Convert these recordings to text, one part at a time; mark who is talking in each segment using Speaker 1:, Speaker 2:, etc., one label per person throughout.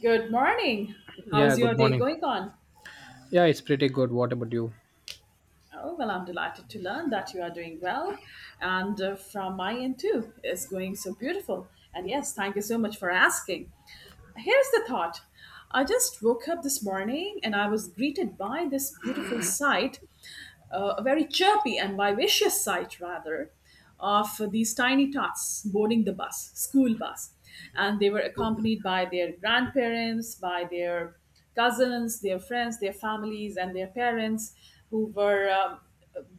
Speaker 1: Good morning. How
Speaker 2: Yeah,
Speaker 1: is your
Speaker 2: good
Speaker 1: day
Speaker 2: morning.
Speaker 1: going on?
Speaker 2: Yeah, it's pretty good. What about you?
Speaker 1: Oh, well, I'm delighted to learn that you are doing well. And from my end, too, it's going so beautiful. And yes, thank you so much for asking. Here's the thought. I just woke up this morning and I was greeted by this beautiful sight, a very chirpy and vivacious sight, rather, of these tiny tots boarding the bus, school bus. And they were accompanied by their grandparents, by their cousins, their friends, their families, and their parents who were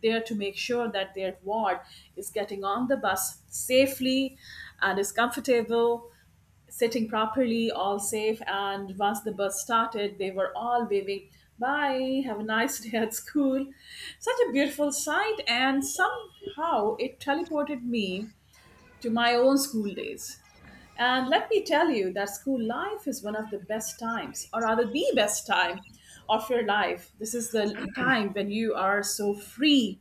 Speaker 1: there to make sure that their ward is getting on the bus safely and is comfortable, sitting properly, all safe. And once the bus started, they were all waving, "Bye, have a nice day at school." Such a beautiful sight. And somehow it teleported me to my own school days. And let me tell you that school life is one of the best times, or rather, the best time of your life. This is the time when you are so free,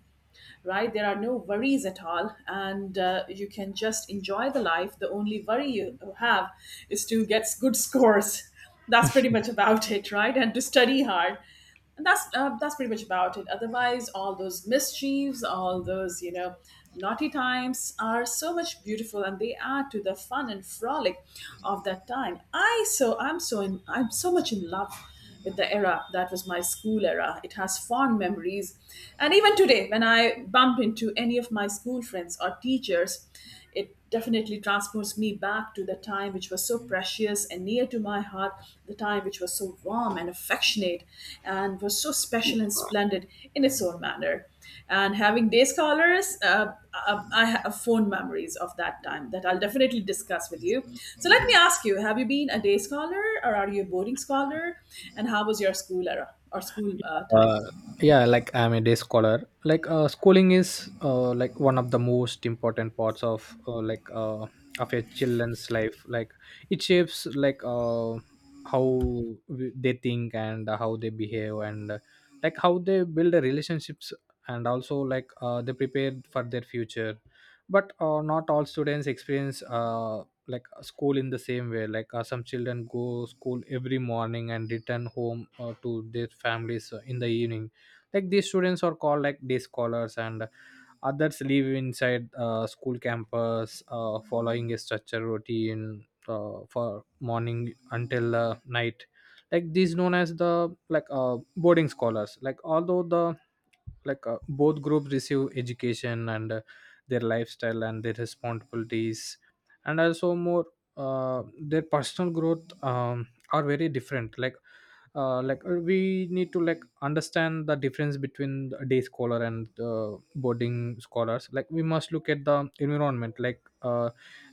Speaker 1: right? There are no worries at all, and you can just enjoy the life. The only worry you have is to get good scores. That's pretty much about it, right? And to study hard. And that's pretty much about it. Otherwise, all those mischiefs, all those naughty times are so much beautiful, and they add to the fun and frolic of that time. I'm so much in love with the era that was my school era. It has fond memories, and even today, when I bump into any of my school friends or teachers, it definitely transports me back to the time which was so precious and near to my heart, the time which was so warm and affectionate and was so special and splendid in its own manner. And having day scholars, I have fond memories of that time that I'll definitely discuss with you. So let me ask you: Have you been a day scholar, or are you a boarding scholar? And how was your school era or school time?
Speaker 2: Uh, yeah, I'm a day scholar. Schooling is one of the most important parts of of a children's life. It shapes how they think and how they behave and how they build the relationships, and also they prepare for their future. But not all students experience school in the same way. Some children go school every morning and return home to their families in the evening. Like these students are called day scholars, and others live inside school campus, following a structured routine for morning until night. Like these known as the boarding scholars. Like although the like Both groups receive education, and their lifestyle, and their responsibilities, and also more their personal growth are very different. We need to understand the difference between the day scholar and boarding scholars. We must look at the environment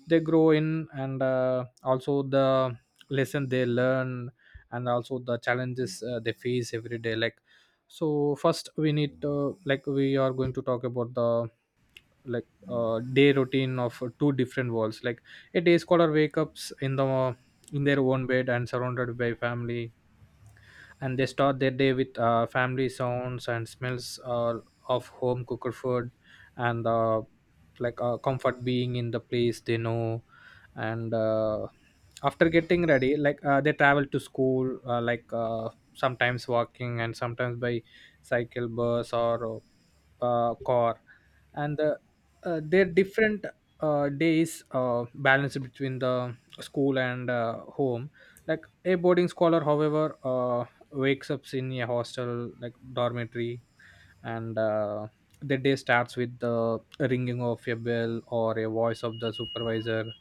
Speaker 2: they grow in, and also the lesson they learn, and also the challenges they face every day. So first, we need like we are going to talk about the day routine of two different worlds. A day scholar wake ups in the in their own bed and surrounded by family, and they start their day with family sounds and smells of home cooked food, and comfort being in the place they know. And After getting ready, they travel to school, sometimes walking and sometimes by cycle, bus, or car. and the, their different days balance between the school and home. A boarding scholar, however, wakes up in a hostel like dormitory, and the day starts with the ringing of a bell or a voice of the supervisor.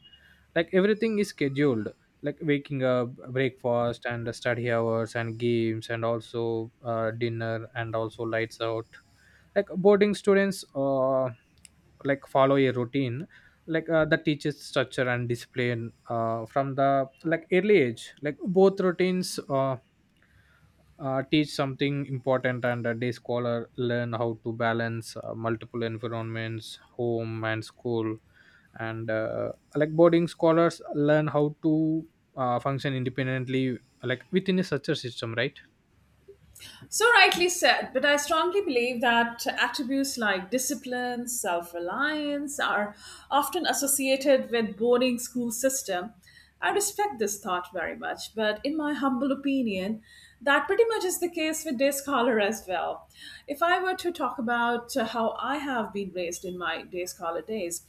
Speaker 2: Everything is scheduled: waking up, breakfast, and study hours, and games, and also dinner, and also lights out. Boarding students follow a routine. The teaches structure and discipline from the early age. Both routines teach something important. And A day scholar learn how to balance multiple environments, home and school, and boarding scholars learn how to function independently within a such a system, right?
Speaker 1: So rightly said, but I strongly believe that attributes like discipline, self-reliance are often associated with boarding school system. I respect this thought very much, but in my humble opinion, that pretty much is the case with day scholar as well. If I were to talk about how I have been raised in my day scholar days,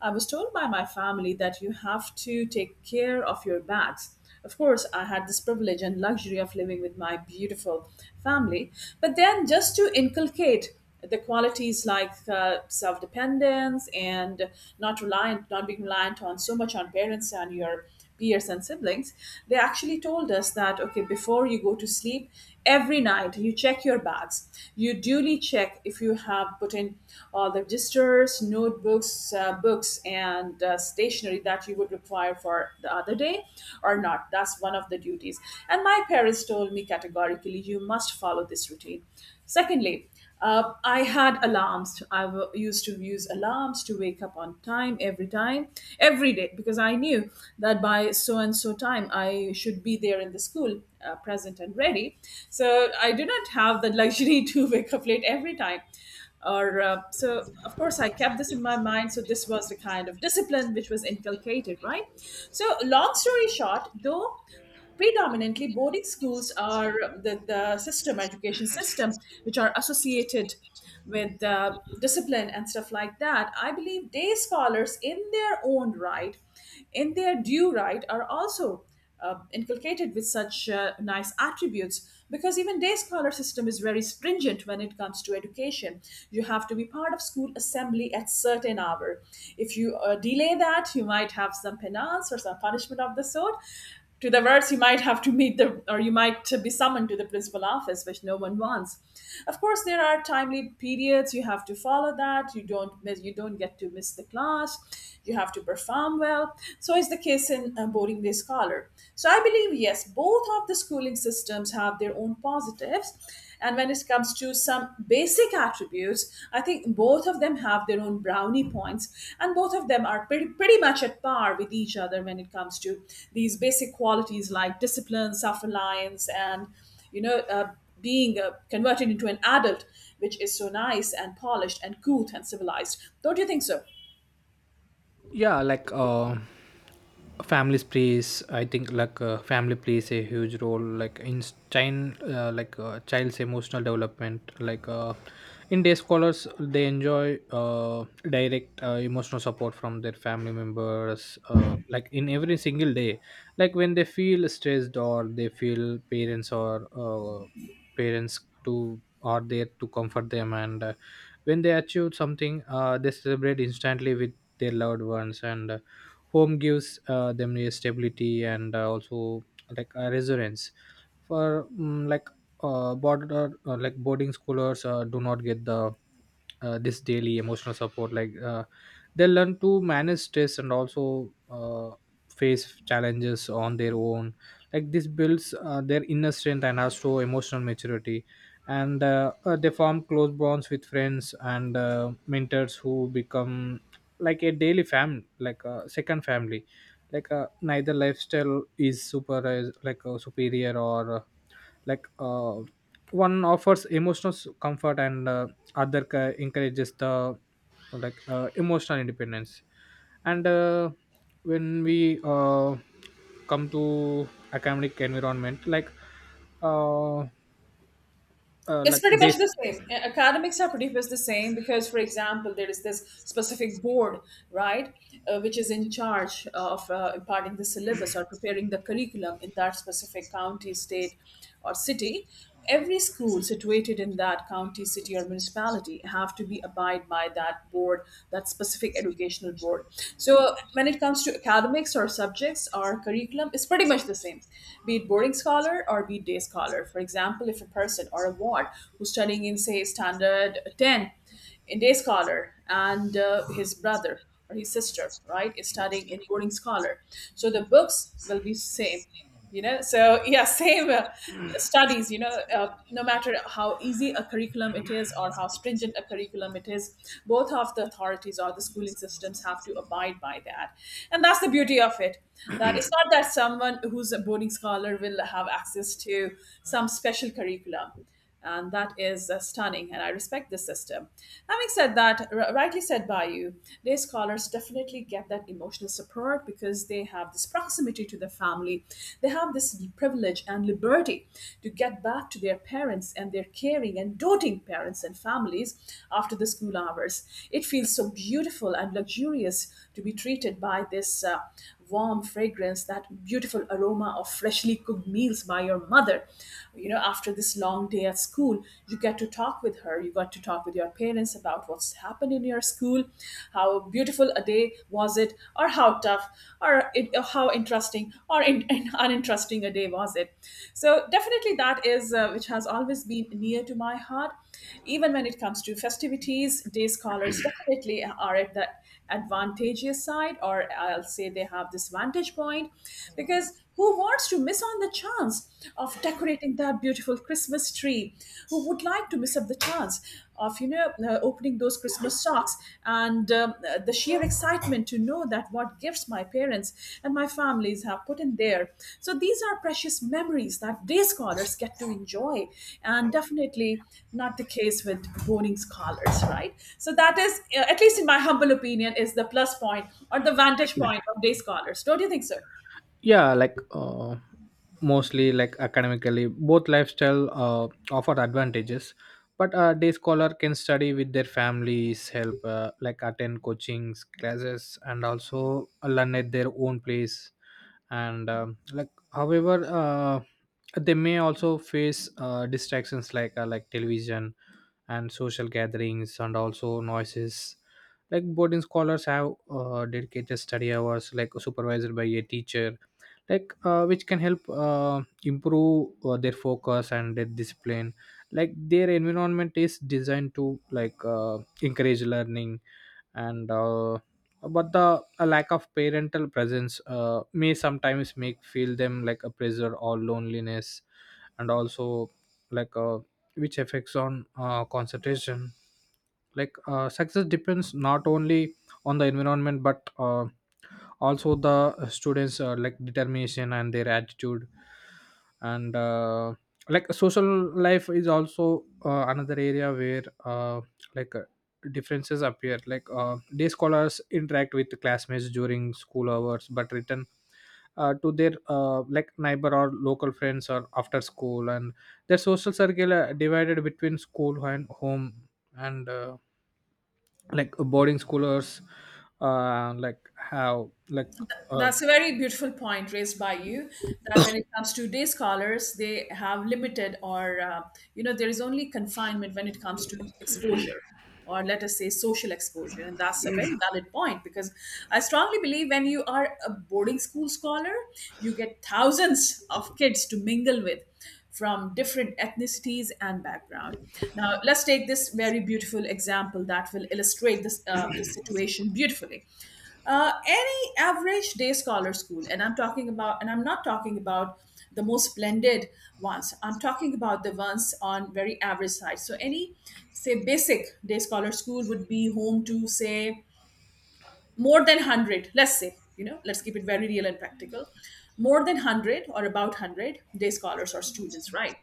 Speaker 1: I was told by my family that you have to take care of your bags. Of course, I had this privilege and luxury of living with my beautiful family. But then, just to inculcate the qualities like self dependence and not being reliant on so much on parents and your peers and siblings, they actually told us that, okay, before you go to sleep, every night, you check your bags. You duly check if you have put in all the registers, notebooks, books, and stationery that you would require for the other day or not. That's one of the duties. And my parents told me categorically, you must follow this routine. Secondly, I had alarms. Used to use alarms to wake up on time, every day, because I knew that by so and so time I should be there in the school, present and ready. So I did not have the luxury to wake up late every time. Of course, I kept this in my mind. So this was the kind of discipline which was inculcated, right? So long story short, though predominantly boarding schools are the system, education system, which are associated with discipline and stuff like that, I believe day scholars in their own right, in their due right, are also inculcated with such nice attributes, because even day scholar system is very stringent when it comes to education. You have to be part of school assembly at certain hour. If you delay that, you might have some penance or some punishment of the sort. To diverse, you might have to meet the, or you might be summoned to the principal office, which no one wants. Of course, there are timely periods you have to follow. That you don't miss, you don't get to miss the class. You have to perform well. So is the case in boarding day scholar. So I believe yes, both of the schooling systems have their own positives, and when it comes to some basic attributes, I think both of them have their own brownie points, and both of them are pretty, pretty much at par with each other when it comes to these basic qualities like discipline, self reliance, and you know, uh, being converted into an adult, which is so nice and polished and cool and civilized. Don't you think so?
Speaker 2: Yeah. like families plays I think like Family plays a huge role in child's emotional development. In day scholars, they enjoy direct emotional support from their family members in every single day. When they feel stressed or they feel parents, or parents to are there to comfort them, and when they achieve something, they celebrate instantly with their loved ones, and home gives them a stability, and also a resurgence for. Mm like border like Boarding schoolers do not get the this daily emotional support. They learn to manage stress and also uh, face challenges on their own. This builds their inner strength and also emotional maturity, and they form close bonds with friends and mentors who become a daily family, like a second family. Neither lifestyle is super superior, or like uh, one offers emotional comfort and other encourages the emotional independence. And When we come to academic environment, uh,
Speaker 1: It's pretty
Speaker 2: day.
Speaker 1: much the same. Academics are pretty much the same because, for example, there is this specific board, right, which is in charge of imparting the syllabus or preparing the curriculum in that specific county, state, or city. Every school situated in that county, city, or municipality have to be abide by that board, that specific educational board. So, when it comes to academics or subjects or curriculum, it's pretty much the same, be it boarding scholar or be it day scholar. For example, if a person or a ward who's studying in say standard 10 in day scholar and his brother or his sister, right, is studying in boarding scholar, so the books will be same, you know. So yeah, same studies, you know. uh, no matter how easy a curriculum it is or how stringent a curriculum it is, both of the authorities or the schooling systems have to abide by that, and that's the beauty of it, that it's not that someone who's a boarding scholar will have access to some special curriculum. And that is stunning, and I respect this system. Having said that, rightly said by you, day scholars definitely get that emotional support because they have this proximity to their family. They have this privilege and liberty to get back to their parents and their caring and doting parents and families after the school hours. It feels so beautiful and luxurious to be treated by this warm fragrance, that beautiful aroma of freshly cooked meals by your mother. You know, after this long day at school, you get to talk with her. You got to talk with your parents about what's happened in your school, how beautiful a day was it, or how tough, or, it, or how interesting, uninteresting a day was it. So, definitely, that is which has always been near to my heart. Even when it comes to festivities, day scholars definitely are at the advantageous side, or I'll say they have this vantage point, because who wants to miss on the chance of decorating that beautiful Christmas tree? Who would like to miss up the chance of opening those Christmas socks and the sheer excitement to know that what gifts my parents and my families have put in there. So these are precious memories that day scholars get to enjoy, and definitely not the case with boarding scholars, right? So that is, at least in my humble opinion, is the plus point or the vantage point of day scholars. Don't you think so?
Speaker 2: Yeah. Mostly, academically, both lifestyle offer advantages, but a day scholar can study with their families help, attend coachings classes and also learn at their own place, and however, they may also face distractions like television and social gatherings, and also noises. Boarding scholars have dedicated study hours, supervised by a teacher, which can help improve their focus and their discipline. Their environment is designed to encourage learning, and but the a lack of parental presence may sometimes make feel them like a pressure or loneliness, and also like a which affects on concentration. Success depends not only on the environment, but also the students determination and their attitude. And like Social life is also another area where like uh, differences appear. Day scholars interact with classmates during school hours, but return to their neighbor or local friends or after school, and their social circle divided between school and home. And boarding schoolers like have like uh,
Speaker 1: That's a very beautiful point raised by you, that when it comes to day scholars, they have limited or, you know, there is only confinement when it comes to exposure, or let us say social exposure. And that's a very valid point because I strongly believe when you are a boarding school scholar, you get thousands of kids to mingle with from different ethnicities and background. Now, let's take this very beautiful example that will illustrate this, this situation beautifully. Any average day scholar school, and I'm not talking about the most splendid ones, I'm talking about the ones on very average side. So any say basic day scholar school would be home to say more than 100, let's say, you know, let's keep it very real and practical, more than 100 or about 100-day scholars or students, right?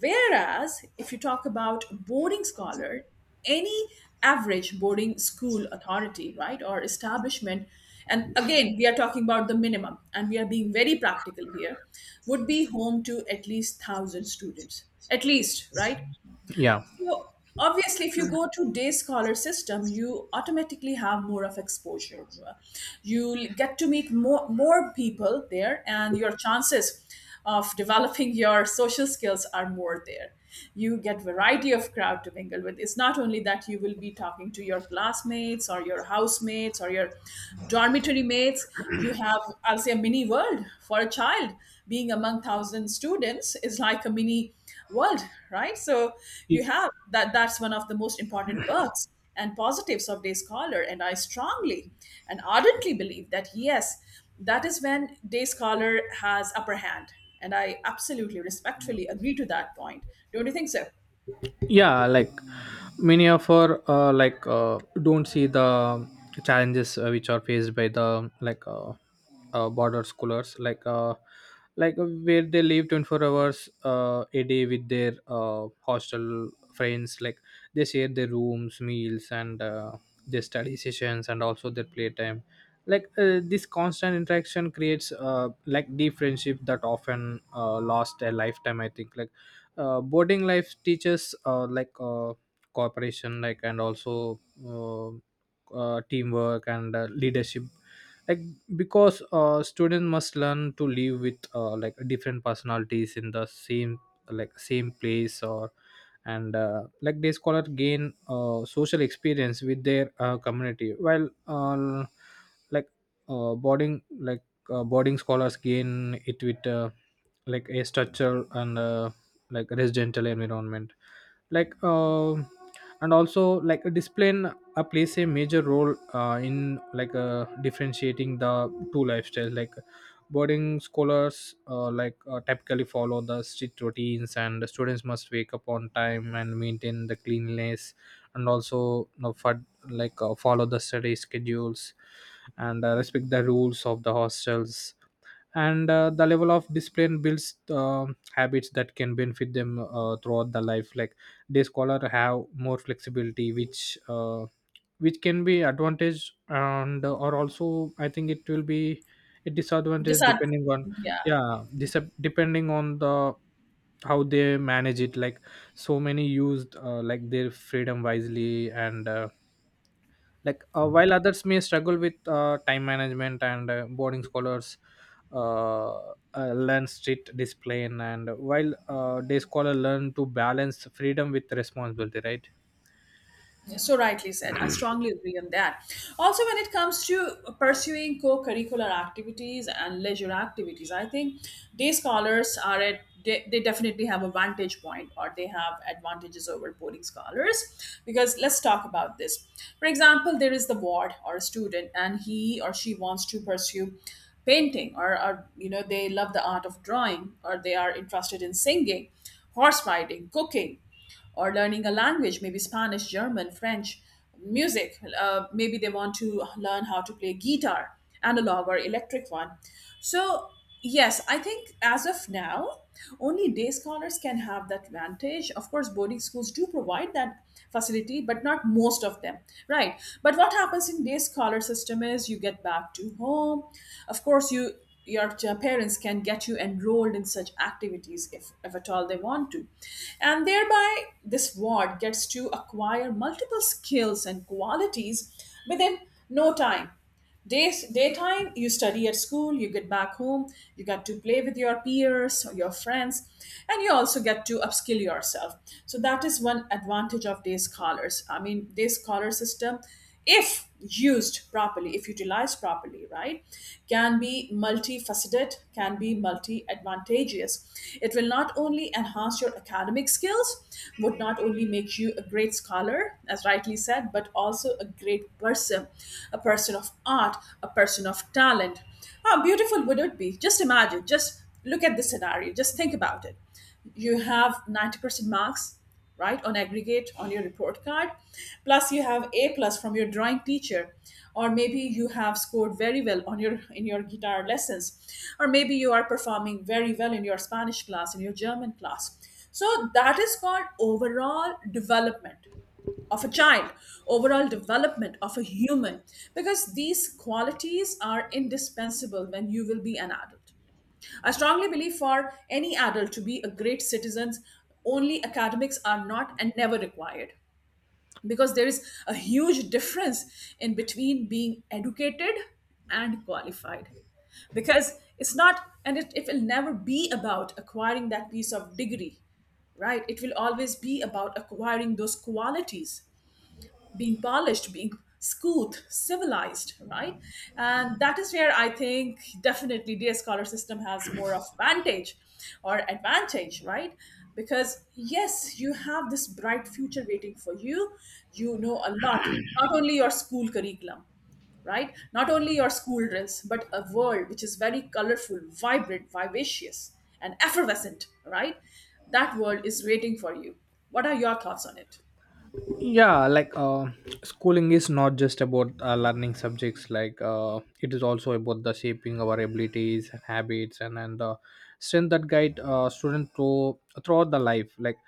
Speaker 1: Whereas, if you talk about boarding scholar, any average boarding school authority, right, or establishment, and again, we are talking about the minimum, and we are being very practical here, would be home to at least 1,000 students, at least, right?
Speaker 2: yeah.
Speaker 1: So obviously, if you go to day scholar system, you automatically have more of exposure. Get to meet more people there, and your chances of developing your social skills are more there. You get variety of crowd to mingle with. It's not only that you will be talking to your classmates or your housemates or your dormitory mates. You have, I'll say, a mini world for a child. Being among thousand students is like a mini world, right? So you have that. That's one of the most important perks and positives of day scholar, and I strongly and ardently believe that, yes, that is when day scholar has upper hand, and I absolutely respectfully agree to that point. Don't you think so?
Speaker 2: Yeah, many of our don't see the challenges which are faced by the border schoolers, where they live 24 hours a day with their hostel friends. They share their rooms, meals, and their study sessions, and also their playtime. This constant interaction creates deep friendship that often last a lifetime. I think boarding life teaches cooperation, and also uh, teamwork and leadership, like because students must learn to live with different personalities in the same place. Or and like They scholars gain social experience with their community, while like boarding, boarding scholars gain it with a structure and residential environment. Like uh, and also like a display plays a major role in differentiating the two lifestyles. Boarding scholars typically follow the strict routines, and the students must wake up on time and maintain the cleanliness, and also, you know, for, follow the study schedules and respect the rules of the hostels. And The level of discipline builds habits that can benefit them throughout the life. Day scholar have more flexibility, which can be advantage, and or also I think it will be a disadvantage
Speaker 1: Disad-
Speaker 2: depending on.
Speaker 1: yeah.
Speaker 2: Yeah, this depending on the how they manage it. So many used their freedom wisely, and while others may struggle with time management. And Boarding scholars uh, learn strict discipline, and while day scholar learn to balance freedom with responsibility, right?
Speaker 1: So rightly said. I strongly agree on that. Also, when it comes to pursuing co-curricular activities and leisure activities, I think day scholars are at they definitely have a vantage point, or they have advantages over boarding scholars, because let's talk about this. For example, there is the ward or a student and he or she wants to pursue painting, or you know they love the art of drawing, or they are interested in singing, horse riding, cooking, or learning a language, maybe Spanish, German, French, music. Maybe they want to learn how to play guitar, analog or electric one. So, yes, I think as of now, only day scholars can have that advantage. Of course, boarding schools do provide that facility, but not most of them, right? But what happens in day scholar system is you get back to home. Of course, you parents can get you enrolled in such activities if at all they want to, and thereby this ward gets to acquire multiple skills and qualities within no time. Days, daytime, you study at school, you get back home, you get to play with your peers, your friends, and you also get to upskill yourself. So that is one advantage of day scholars. I mean, day scholar system, if used properly, if utilized properly, right, can be multifaceted, can be multi-advantageous. It will not only enhance your academic skills, would not only make you a great scholar, as rightly said, but also a great person, a person of art, a person of talent. How beautiful would it be? Just imagine, just look at the scenario, just think about it. You have 90% marks, right, on aggregate on your report card, plus you have A plus from your drawing teacher, or maybe you have scored very well on your guitar lessons, or maybe you are performing very well in your Spanish class, in your German class. So that is called overall development of a child, overall development of a human, because these qualities are indispensable when you will be an adult. I strongly believe for any adult to be a great citizen, only academics are not and never required, because there is a huge difference in between being educated and qualified, because it's not and it will never be about acquiring that piece of degree. Right, it will always be about acquiring those qualities, being polished, being scoothed, civilized, right? And that is where I think definitely DS Scholar system has more of vantage or advantage, right? Because yes, you have this bright future waiting for you. You know a lot, not only your school curriculum, right? Not only your school drills, but a world which is very colorful, vibrant, vivacious, and effervescent, right? That world is waiting for you. What are your thoughts on it?
Speaker 2: Yeah, schooling is not just about learning subjects. It is also about the shaping our abilities and habits, and the strength that guide student through, throughout the life.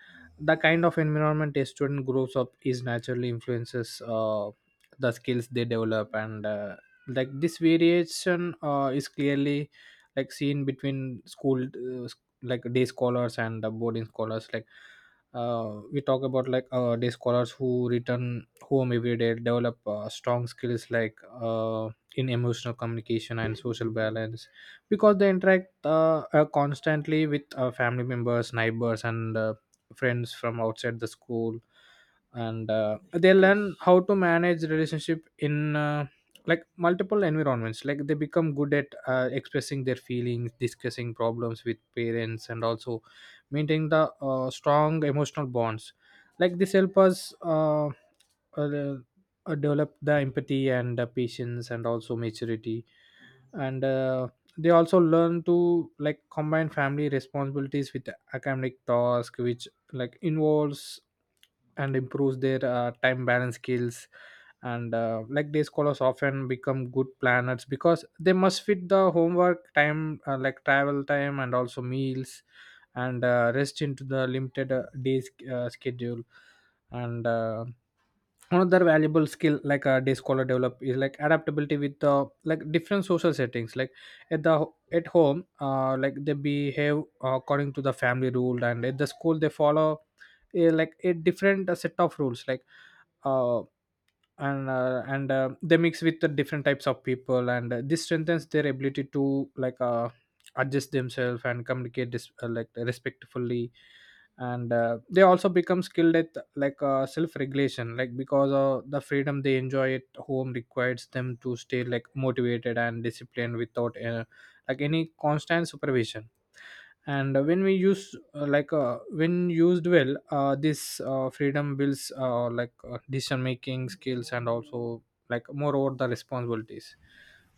Speaker 2: The kind of environment a student grows up is naturally influences the skills they develop, and this variation is clearly seen between school, day scholars and the boarding scholars. We talk about day scholars who return home every day develop strong skills in emotional communication and social balance, because they interact constantly with family members, neighbors, and friends from outside the school, and they learn how to manage relationship in multiple environments. They become good at expressing their feelings, discussing problems with parents, and also maintaining the strong emotional bonds. This help us uh, develop the empathy and patience, and also maturity, and they also learn to combine family responsibilities with academic task, which involves and improves their time balance skills. And day scholars often become good planners, because they must fit the homework time, travel time, and also meals and rest into the limited days schedule. And Another valuable skill a day scholar develop is adaptability with the different social settings. At the at home, they behave according to the family rule, and at the school, they follow a different set of rules. Like uh, and They mix with the different types of people, and this strengthens their ability to adjust themselves and communicate respectfully. And They also become skilled at self-regulation, because of the freedom they enjoy at home requires them to stay motivated and disciplined without any constant supervision. And when we use like When used well, this freedom builds decision making skills, and also moreover the responsibilities.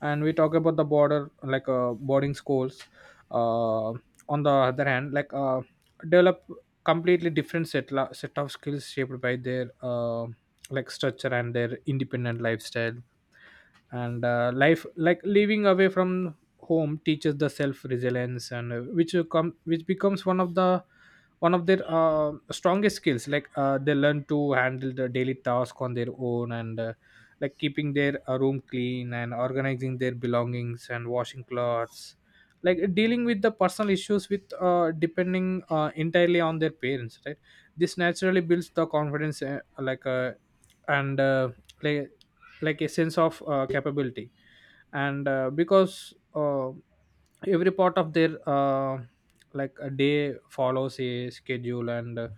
Speaker 2: And We talk about the border like boarding schools uh, on the other hand, develop completely different set of skills shaped by their structure and their independent lifestyle, and life, living away from home teaches the self resilience, and which will come which becomes one of their strongest skills. They learn to handle the daily task on their own, and like keeping their room clean, and organizing their belongings, and washing clothes, dealing with the personal issues with depending entirely on their parents, right? This naturally builds the confidence, like and like like a sense of capability, and because every part of their a day follows a schedule, and uh,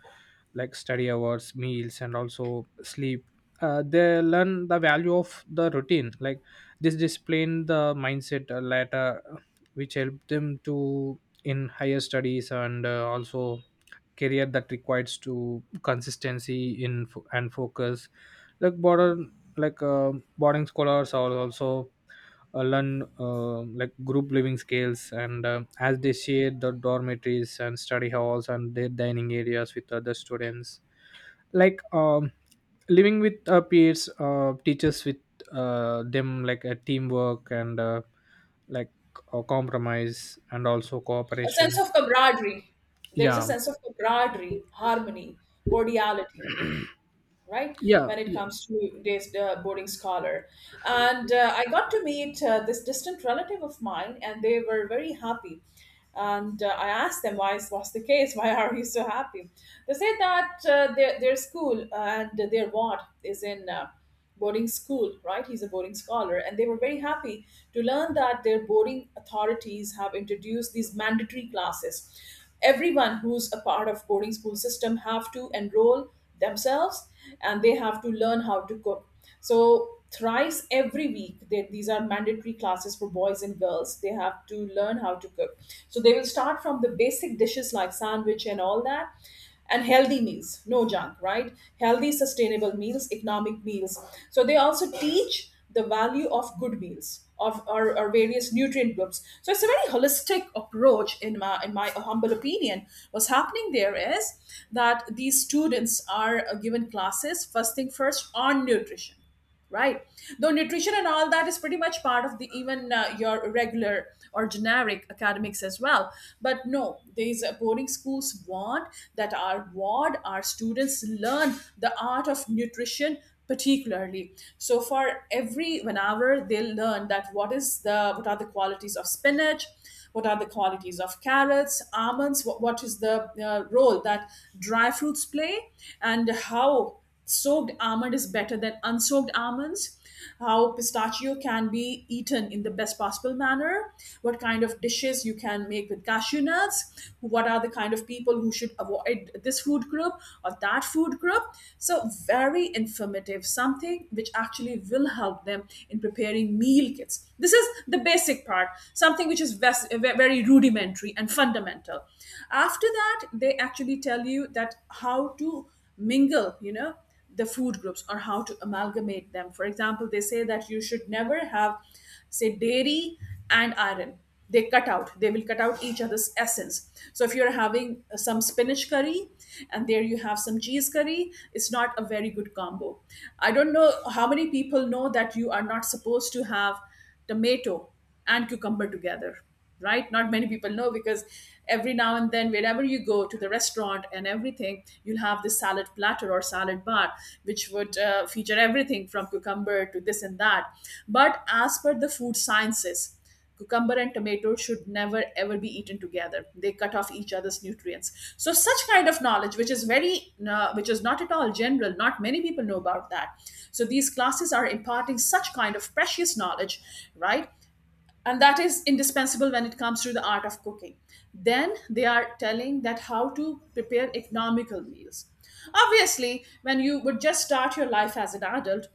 Speaker 2: like study hours, meals, and also sleep. They learn the value of the routine. This discipline the mindset later, which help them to in higher studies, and also career that requires to consistency in and focus. Like border like Boarding scholars are also learn group living skills, and as they share the dormitories, and study halls, and their dining areas with other students. like um, Living with peers teaches with them a teamwork, and like compromise, and also
Speaker 1: A sense
Speaker 2: cooperations.
Speaker 1: of camaraderie. There is a
Speaker 2: Yeah.
Speaker 1: sense of camaraderie, harmony, cordiality, right?
Speaker 2: Yeah,
Speaker 1: When it
Speaker 2: yeah,
Speaker 1: comes to this boarding scholar, and I got to meet this distant relative of mine, and they were very happy. And I asked them why was the case? Why are you so happy? They said that their school and their ward is in boarding school, right? He's a boarding scholar. And they were very happy to learn that their boarding authorities have introduced these mandatory classes. Everyone who's a part of boarding school system have to enroll themselves, and they have to learn how to cook. So thrice every week, these are mandatory classes for boys and girls. They have to learn how to cook. So they will start from the basic dishes like sandwich and all that, and healthy meals, no junk, right? Healthy, sustainable meals, economic meals. So they also teach the value of good meals of or various nutrient groups. So it's a very holistic approach, in my humble opinion. What's happening there is that these students are given classes first thing first on nutrition, right? Though nutrition and all that is pretty much part of the even your regular or generic academics as well, but no, these boarding schools want that our ward, our students learn the art of nutrition particularly. So for every 1 hour, they will learn that what are the qualities of spinach, what are the qualities of carrots, almonds, what is the role that dry fruits play, and how soaked almond is better than unsoaked almonds, how pistachio can be eaten in the best possible manner, what kind of dishes you can make with cashew nuts, what are the kind of people who should avoid this food group or that food group. So very informative, something which actually will help them in preparing meal kits. This is the basic part. Something which is very rudimentary and fundamental. After that, they actually tell you that how to mingle, you know, the food groups, or how to amalgamate them. For example, they say that you should never have, say, dairy and iron. They will cut out each other's essence. So if you're having some spinach curry and there you have some cheese curry, it's not a very good combo. I don't know how many people know that you are not supposed to have tomato and cucumber together, right? Not many people know, because every now and then, wherever you go to the restaurant and everything, you'll have this salad platter or salad bar, which would feature everything from cucumber to this and that. But as per the food sciences, cucumber and tomato should never ever be eaten together. They cut off each other's nutrients. So such kind of knowledge, which is very, which is not at all general, not many people know about that. So these classes are imparting such kind of precious knowledge, right? And that is indispensable when it comes to the art of cooking. Then they are telling that how to prepare economical meals. Obviously, when you would just start your life as an adult,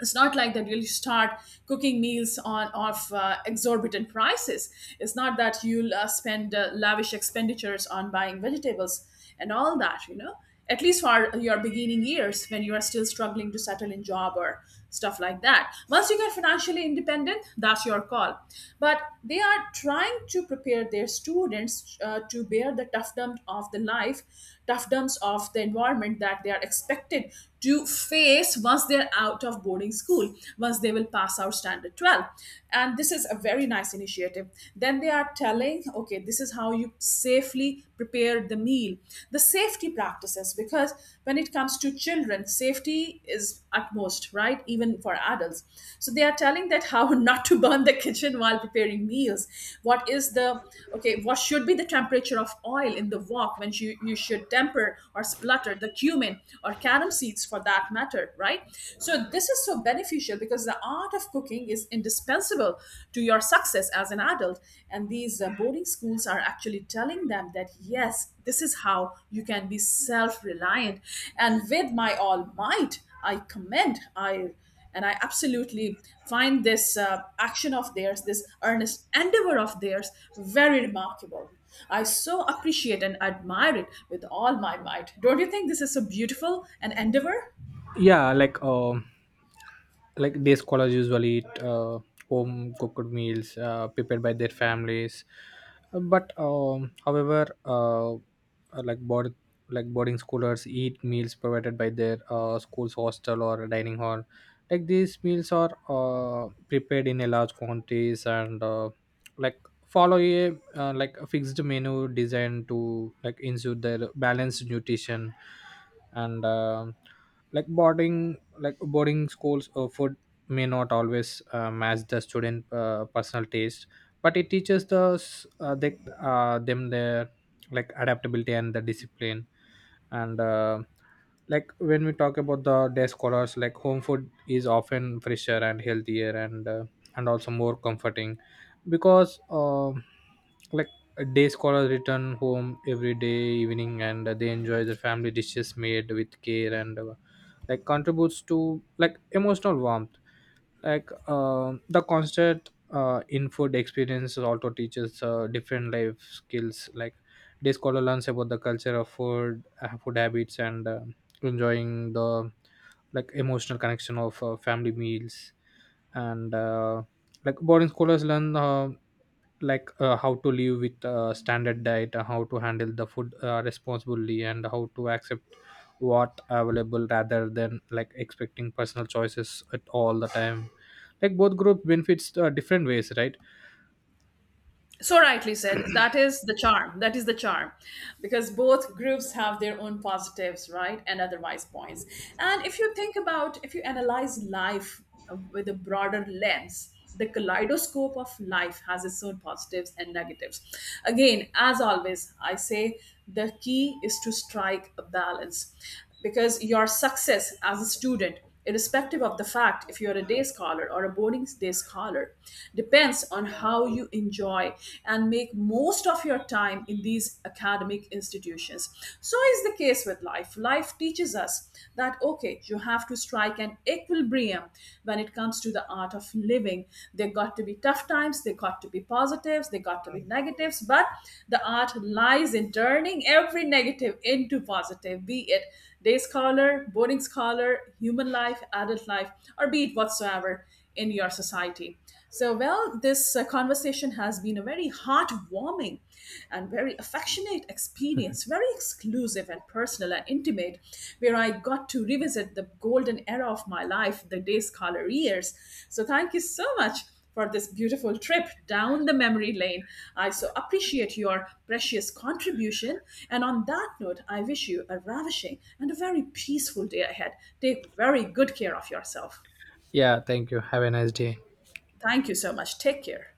Speaker 1: it's not like that you'll start cooking meals on of exorbitant prices. It's not that you'll spend lavish expenditures on buying vegetables and all that, you know, at least for your beginning years when you are still struggling to settle in job or stuff like that. Once you get financially independent, that's your call. But they are trying to prepare their students to bear the toughdom of the life, toughdums of the environment that they are expected to face once they're out of boarding school, once they will pass out standard 12. And this is a very nice initiative. Then they are telling, okay, this is how you safely prepare the meal, the safety practices, because when it comes to children, safety is utmost, right? Even for adults. So they are telling that how not to burn the kitchen while preparing meals. What is the Okay, what should be the temperature of oil in the wok when you should temper or splutter the cumin or carom seeds, for that matter spirit, right? So this is so beneficial, because the art of cooking is indispensable to your success as an adult. And these boarding schools are actually telling them that yes, this is how you can be self reliant. And with my all might, I and I absolutely find this action of theirs, this earnest endeavor of theirs, very remarkable. I so appreciate and admire it with all my might. Don't you think this is so beautiful an endeavor?
Speaker 2: yeah. Day scholars usually eat home cooked meals prepared by their families, but however like board boarding scholars eat meals provided by their school's hostel or dining hall. These meals are prepared in a large quantities, and like follow a a fixed menu designed to ensure their balanced nutrition. And like boarding like Boarding schools food may not always match the student personal taste, but it teaches them their adaptability and the discipline. And like When we talk about the day scholars, home food is often fresher and healthier, and also more comforting, because like a day scholars return home every day evening, and they enjoy the family dishes made with care, and contributes to emotional warmth. The constant in food experiences also teaches different life skills. This scholar learns about the culture of food, food habits, and enjoying the emotional connection of family meals, and boarding scholars learn how to live with standard diet, how to handle the food responsibly, and how to accept what available rather than expecting personal choices at all the time. Both group benefits different ways, right?
Speaker 1: So rightly said. That is the charm. That is the charm. Because both groups have their own positives, right? And otherwise points. And if you think about, if you analyze life with a broader lens, the kaleidoscope of life has its own positives and negatives. Again, as always, I say the key is to strike a balance, because your success as a student, irrespective of the fact if you're a day scholar or a boarding day scholar, depends on how you enjoy and make most of your time in these academic institutions. So is the case with life. Life teaches us that, okay, you have to strike an equilibrium when it comes to the art of living. There got to be tough times, there got to be positives, there got to be negatives, but the art lies in turning every negative into positive, be it day scholar, boarding scholar, human life, adult life, or be it whatsoever in your society. So, well, this conversation has been a very heartwarming and very affectionate experience, very exclusive and personal and intimate, where I got to revisit the golden era of my life, the day scholar years. So, thank you so much for this beautiful trip down the memory lane. I so appreciate your precious contribution. And on that note, I wish you a ravishing and a very peaceful day ahead. Take very good care of yourself.
Speaker 2: Yeah, thank you. Have a nice day.
Speaker 1: Thank you so much. Take care.